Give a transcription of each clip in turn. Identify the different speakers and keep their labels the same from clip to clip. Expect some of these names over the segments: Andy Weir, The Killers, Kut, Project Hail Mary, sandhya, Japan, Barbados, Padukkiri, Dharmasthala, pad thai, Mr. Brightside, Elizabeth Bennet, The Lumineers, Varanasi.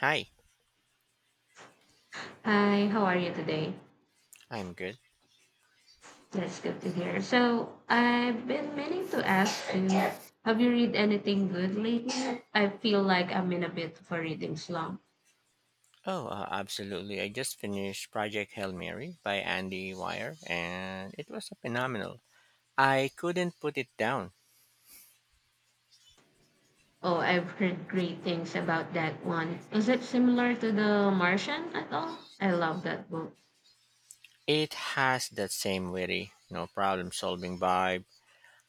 Speaker 1: Hi,
Speaker 2: Hi, how are you today?
Speaker 1: I'm good.
Speaker 2: That's good to hear. So, I've been meaning to ask you, have you read anything good lately? I feel like I'm in a bit of a reading slump.
Speaker 1: Oh, Absolutely. I just finished Project Hail Mary by Andy Weir, and it was phenomenal. I couldn't put it down.
Speaker 2: Oh, I've heard great things about that one. Is it similar to The Martian at all? I love that book.
Speaker 1: It has that same witty, no problem solving vibe,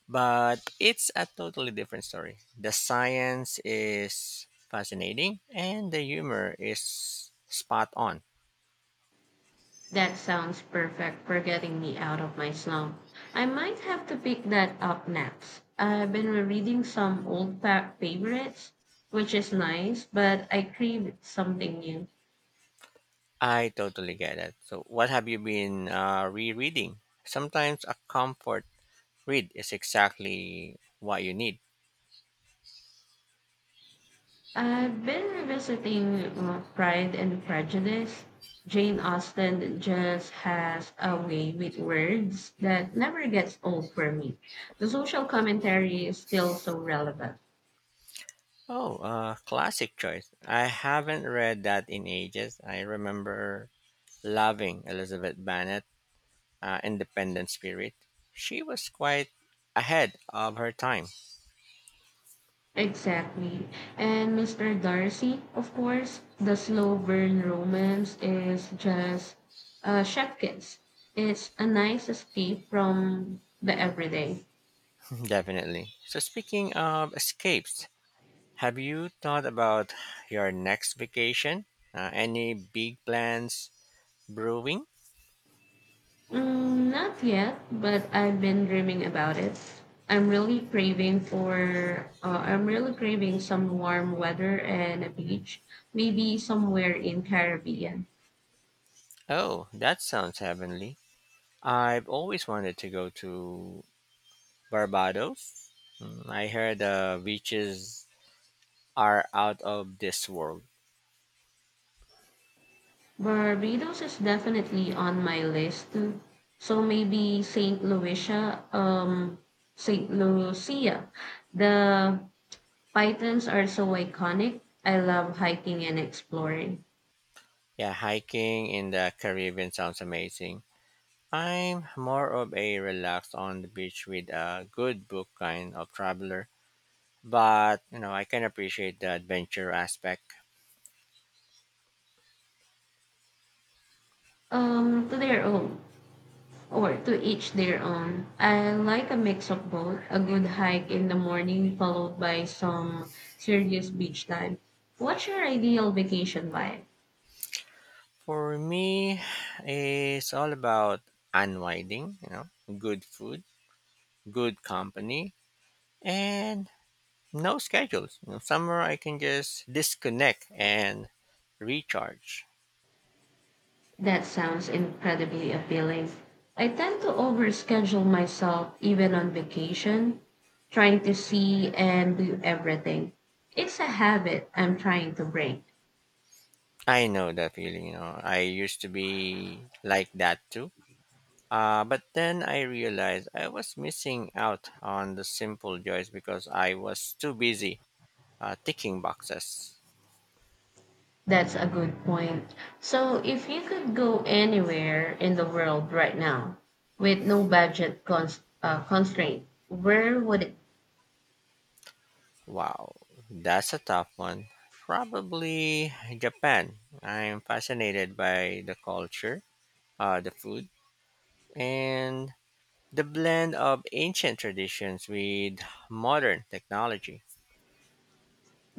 Speaker 1: but it's a totally different story. The science is fascinating, and the humor is spot on.
Speaker 2: That sounds perfect for getting me out of my slump. I might have to pick that up next. I've been rereading some old favorites, which is nice, but I crave something new.
Speaker 1: I totally get it. So, what have you been rereading? Sometimes a comfort read is exactly what you need.
Speaker 2: I've been revisiting Pride and Prejudice. Jane Austen just has a way with words that never gets old for me. The social commentary is still so relevant.
Speaker 1: Oh, Classic choice. I haven't read that in ages. I remember loving Elizabeth Bennet, Independent Spirit. She was quite ahead of her time,
Speaker 2: Exactly. And Mr. Darcy, of course, the slow burn romance is just chefkins. It's a nice escape from the everyday.
Speaker 1: definitely. So, speaking of escapes, have you thought about your next vacation? Any big plans brewing?
Speaker 2: Mm, not yet, but I've been dreaming about it. I'm really craving some warm weather and a beach, maybe somewhere in Caribbean.
Speaker 1: Oh, that sounds heavenly. I've always wanted to go to Barbados. Mm, I heard the beaches are out of this world.
Speaker 2: Barbados is definitely on my list too. So maybe Saint Lucia. The pythons are so iconic. I love hiking and exploring.
Speaker 1: Yeah, hiking in the Caribbean sounds amazing. I'm more of a relaxed on the beach with a good book kind of traveler, but you know, I can appreciate the adventure aspect.
Speaker 2: To their own. Or to each their own. I like a mix of both, a good hike in the morning followed by some serious beach time. What's your ideal vacation vibe?
Speaker 1: For me, it's all about unwinding, you know, good food, good company, and no schedules. You know, somewhere I can just disconnect and recharge.
Speaker 2: That sounds incredibly appealing. I tend to overschedule myself even on vacation, trying to see and do everything. It's a habit I'm trying to break.
Speaker 1: I know that feeling, you know. I used to be like that too. But then I realized I was missing out on the simple joys because I was too busy ticking boxes.
Speaker 2: That's a good point. So, if you could go anywhere in the world right now with no budget constraint, where would it?
Speaker 1: Wow, that's a tough one. Probably Japan. I'm fascinated by the culture, the food, and the blend of ancient traditions with modern technology.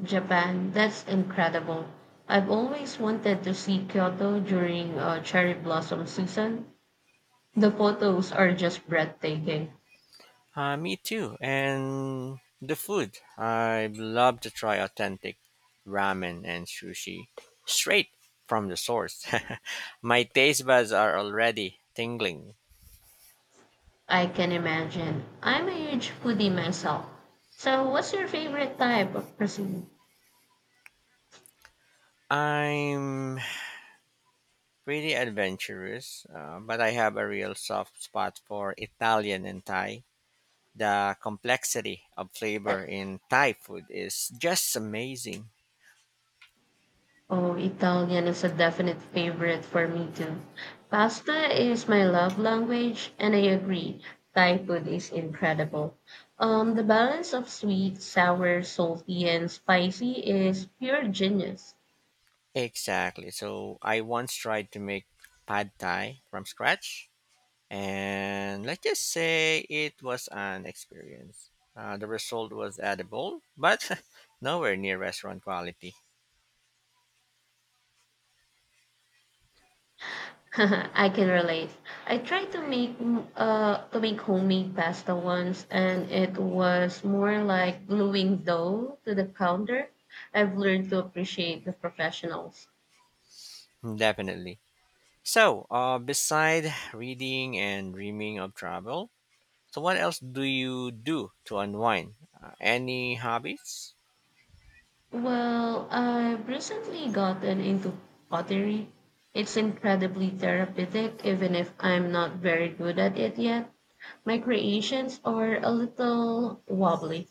Speaker 2: Japan. That's incredible. I've always wanted to see Kyoto during cherry blossom season. The photos are just breathtaking.
Speaker 1: Me too. And the food. I'd love to try authentic ramen and sushi straight from the source. My taste buds are already tingling.
Speaker 2: I can imagine. I'm a huge foodie myself. So, what's your favorite type of cuisine?
Speaker 1: I'm pretty adventurous, but I have a real soft spot for Italian and Thai. The complexity of flavor in Thai food is just amazing.
Speaker 2: Oh, Italian is a definite favorite for me too. Pasta is my love language, and I agree. Thai food is incredible. The balance of sweet, sour, salty, and spicy is pure genius.
Speaker 1: Exactly. So I once tried to make pad thai from scratch and let's just say it was an experience. The result was edible, but nowhere near restaurant quality.
Speaker 2: I can relate. I tried to make homemade pasta once, and it was more like gluing dough to the counter. I've learned to appreciate the professionals.
Speaker 1: Definitely. So, beside reading and dreaming of travel, so what else do you do to unwind? Any hobbies?
Speaker 2: Well, I've recently gotten into pottery. It's incredibly therapeutic, even if I'm not very good at it yet. My creations are a little wobbly.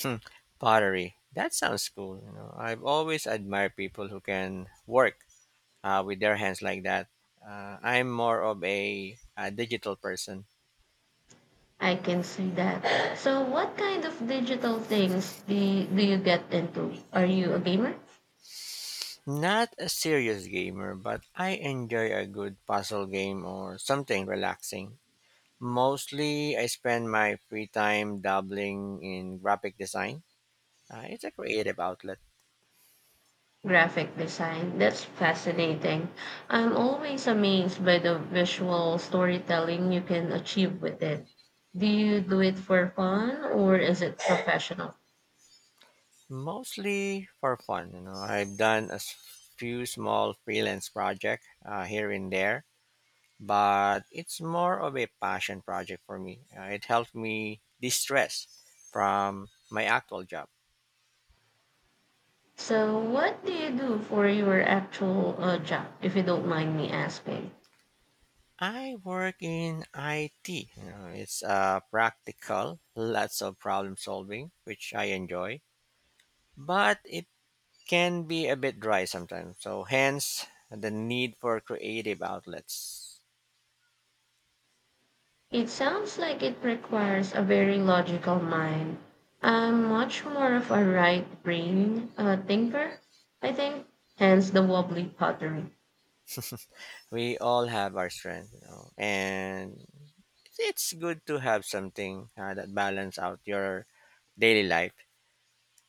Speaker 1: Hmm, pottery. That sounds cool. You know, I've always admired people who can work with their hands like that. I'm more of a digital person.
Speaker 2: I can see that. So, what kind of digital things do you get into? Are you a gamer?
Speaker 1: Not a serious gamer, but I enjoy a good puzzle game or something relaxing. Mostly, I spend my free time dabbling in graphic design. It's a creative outlet,
Speaker 2: Graphic design. That's fascinating. I'm always amazed by the visual storytelling you can achieve with it. Do you do it for fun or is it professional?
Speaker 1: mostly for fun. You know, I've done a s- few small freelance projects here and there, but it's more of a passion project for me. It helps me de-stress from my actual job.
Speaker 2: So, what do you do for your actual job, if you don't mind me asking?
Speaker 1: I work in IT. You know, it's practical, lots of problem solving, which I enjoy, but it can be a bit dry sometimes. So, hence the need for creative outlets.
Speaker 2: It sounds like it requires a very logical mind. I'm much more of a right brain thinker, I think, hence the wobbly pottery.
Speaker 1: We all have our strength, you know, and it's good to have something that balance out your daily life.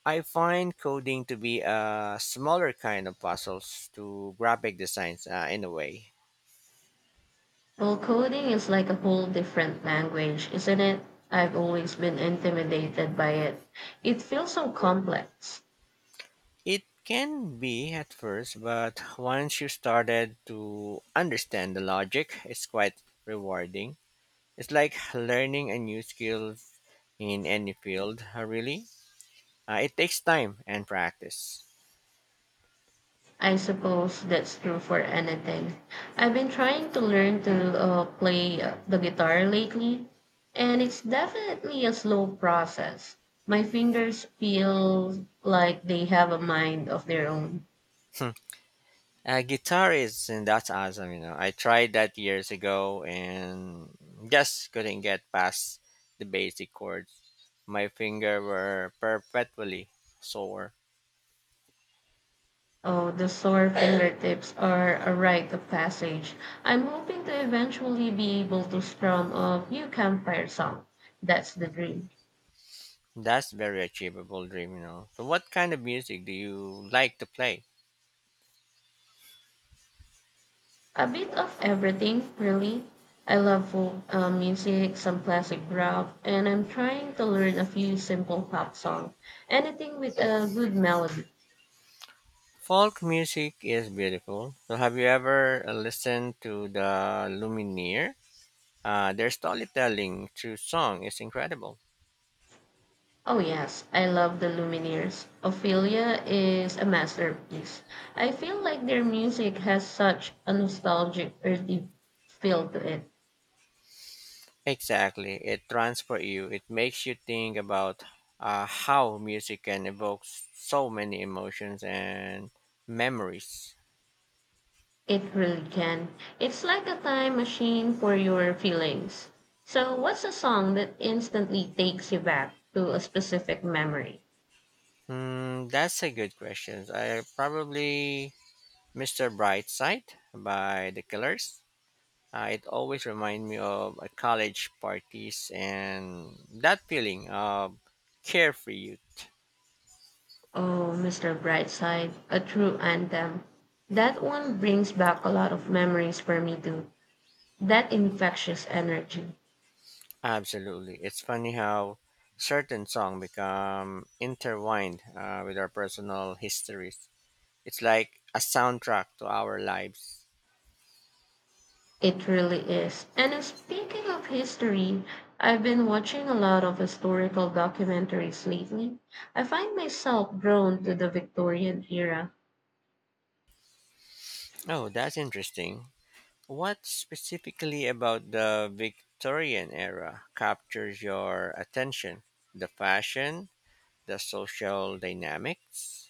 Speaker 1: I find coding to be a smaller kind of puzzles to graphic designs in a way.
Speaker 2: Well, coding is like a whole different language, isn't it? I've always been intimidated by it. It feels so complex.
Speaker 1: It can be at first, but once you started to understand the logic, it's quite rewarding. It's like learning a new skill in any field, really. It takes time and practice.
Speaker 2: I suppose that's true for anything. I've been trying to learn to play the guitar lately, and it's definitely a slow process. My fingers feel like they have a mind of their own.
Speaker 1: Hmm. Guitar is, and that's awesome, you know. I tried that years ago and just couldn't get past the basic chords. My finger were perpetually sore.
Speaker 2: Oh, the sore fingertips are a rite of passage. I'm hoping to eventually be able to strum a few campfire songs. That's the dream.
Speaker 1: That's very achievable dream, you know. So what kind of music do you like to play?
Speaker 2: A bit of everything, really. I love folk music, some classic rock, and I'm trying to learn a few simple pop songs. Anything with a good melody.
Speaker 1: Folk music is beautiful. So have you ever listened to the Lumineer? Their storytelling through song is incredible.
Speaker 2: Oh, yes, I love the Lumineers. Ophelia is a masterpiece. I feel like their music has such a nostalgic, earthy feel to it.
Speaker 1: Exactly. It transports you. It makes you think about how music can evoke so many emotions and memories.
Speaker 2: It really can. It's like a time machine for your feelings. So, what's a song that instantly takes you back to a specific memory?
Speaker 1: Hmm, that's a good question. I probably Mr. Brightside by The Killers. It always reminds me of college parties and that feeling of carefree youth.
Speaker 2: Oh, Mr. Brightside, a true anthem. That one brings back a lot of memories for me, too. That infectious energy.
Speaker 1: Absolutely. It's funny how certain songs become intertwined with our personal histories. It's like a soundtrack to our lives.
Speaker 2: It really is. And speaking of history, I've been watching a lot of historical documentaries lately. I find myself drawn to the Victorian era.
Speaker 1: Oh, that's interesting. What specifically about the Victorian era captures your attention? The fashion, the social dynamics?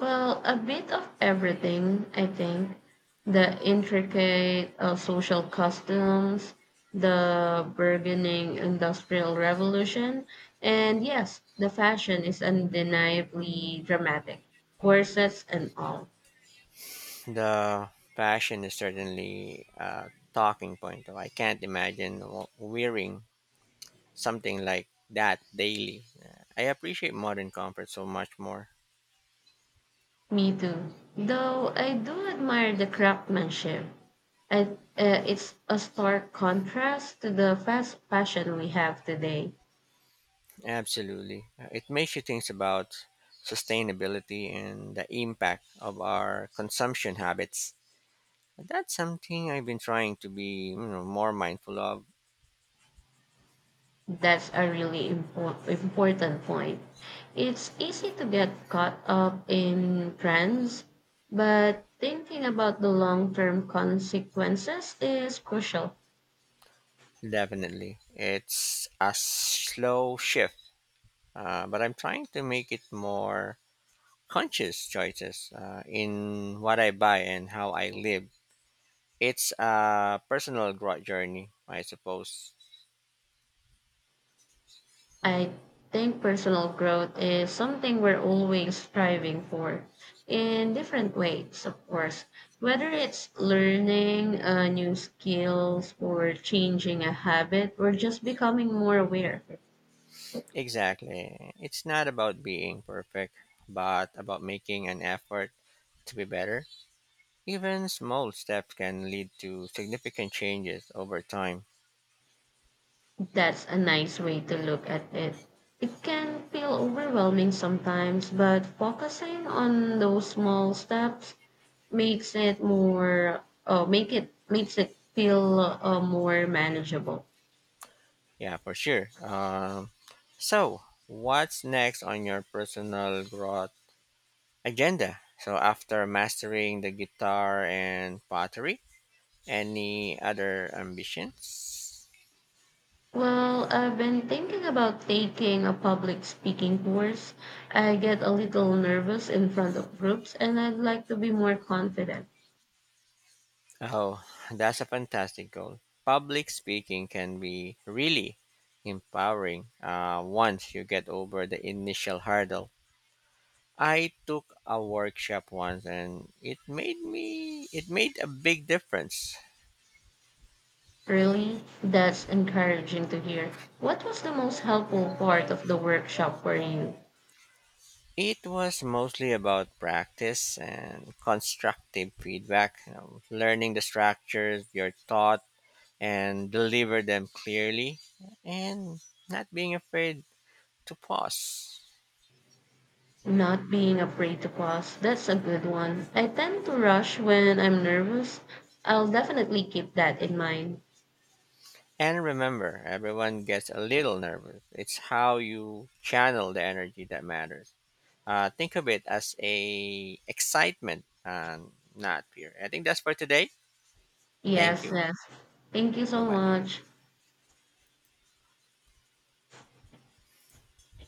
Speaker 2: Well, a bit of everything, I think. The intricate social customs, the burgeoning industrial revolution, and yes, the fashion is undeniably dramatic. Corsets and all.
Speaker 1: The fashion is certainly a talking point, though I can't imagine wearing something like that daily. I appreciate modern comfort so much more.
Speaker 2: Me too. Though I do admire the craftsmanship. I, it's a stark contrast to the fast fashion we have today.
Speaker 1: Absolutely. It makes you think about sustainability and the impact of our consumption habits. That's something I've been trying to be, you know, more mindful of.
Speaker 2: That's a really important point. It's easy to get caught up in trends, but thinking about the long term consequences is crucial.
Speaker 1: Definitely. It's a slow shift, but I'm trying to make it more conscious choices in what I buy and how I live. It's a personal growth journey, I suppose.
Speaker 2: I think personal growth is something we're always striving for in different ways, of course. Whether it's learning new skills or changing a habit or just becoming more aware,
Speaker 1: Exactly. It's not about being perfect, but about making an effort to be better. Even small steps can lead to significant changes over time.
Speaker 2: that's a nice way to look at it. It can feel overwhelming sometimes, but focusing on those small steps makes it more, make it makes it feel more manageable.
Speaker 1: Yeah, for sure. So, what's next on your personal growth agenda? So, after mastering the guitar and pottery, any other ambitions?
Speaker 2: Well, I've been thinking about taking a public speaking course. I get a little nervous in front of groups and I'd like to be more confident.
Speaker 1: Oh, that's a fantastic goal. Public speaking can be really empowering once you get over the initial hurdle. I took a workshop once and it made a big difference.
Speaker 2: Really, that's encouraging to hear. What was the most helpful part of the workshop for you?
Speaker 1: It was mostly about practice and constructive feedback, you know, learning the structures, your thought and deliver them clearly and not being afraid to pause.
Speaker 2: Not being afraid to pause. That's a good one. I tend to rush when I'm nervous. I'll definitely keep that in mind.
Speaker 1: And remember, everyone gets a little nervous. It's how you channel the energy that matters. Think of it as a excitement, and not fear. I think that's for today. Thank
Speaker 2: Yes,
Speaker 1: you.
Speaker 2: yes. Thank you
Speaker 1: Bye
Speaker 2: so
Speaker 1: bye.
Speaker 2: much.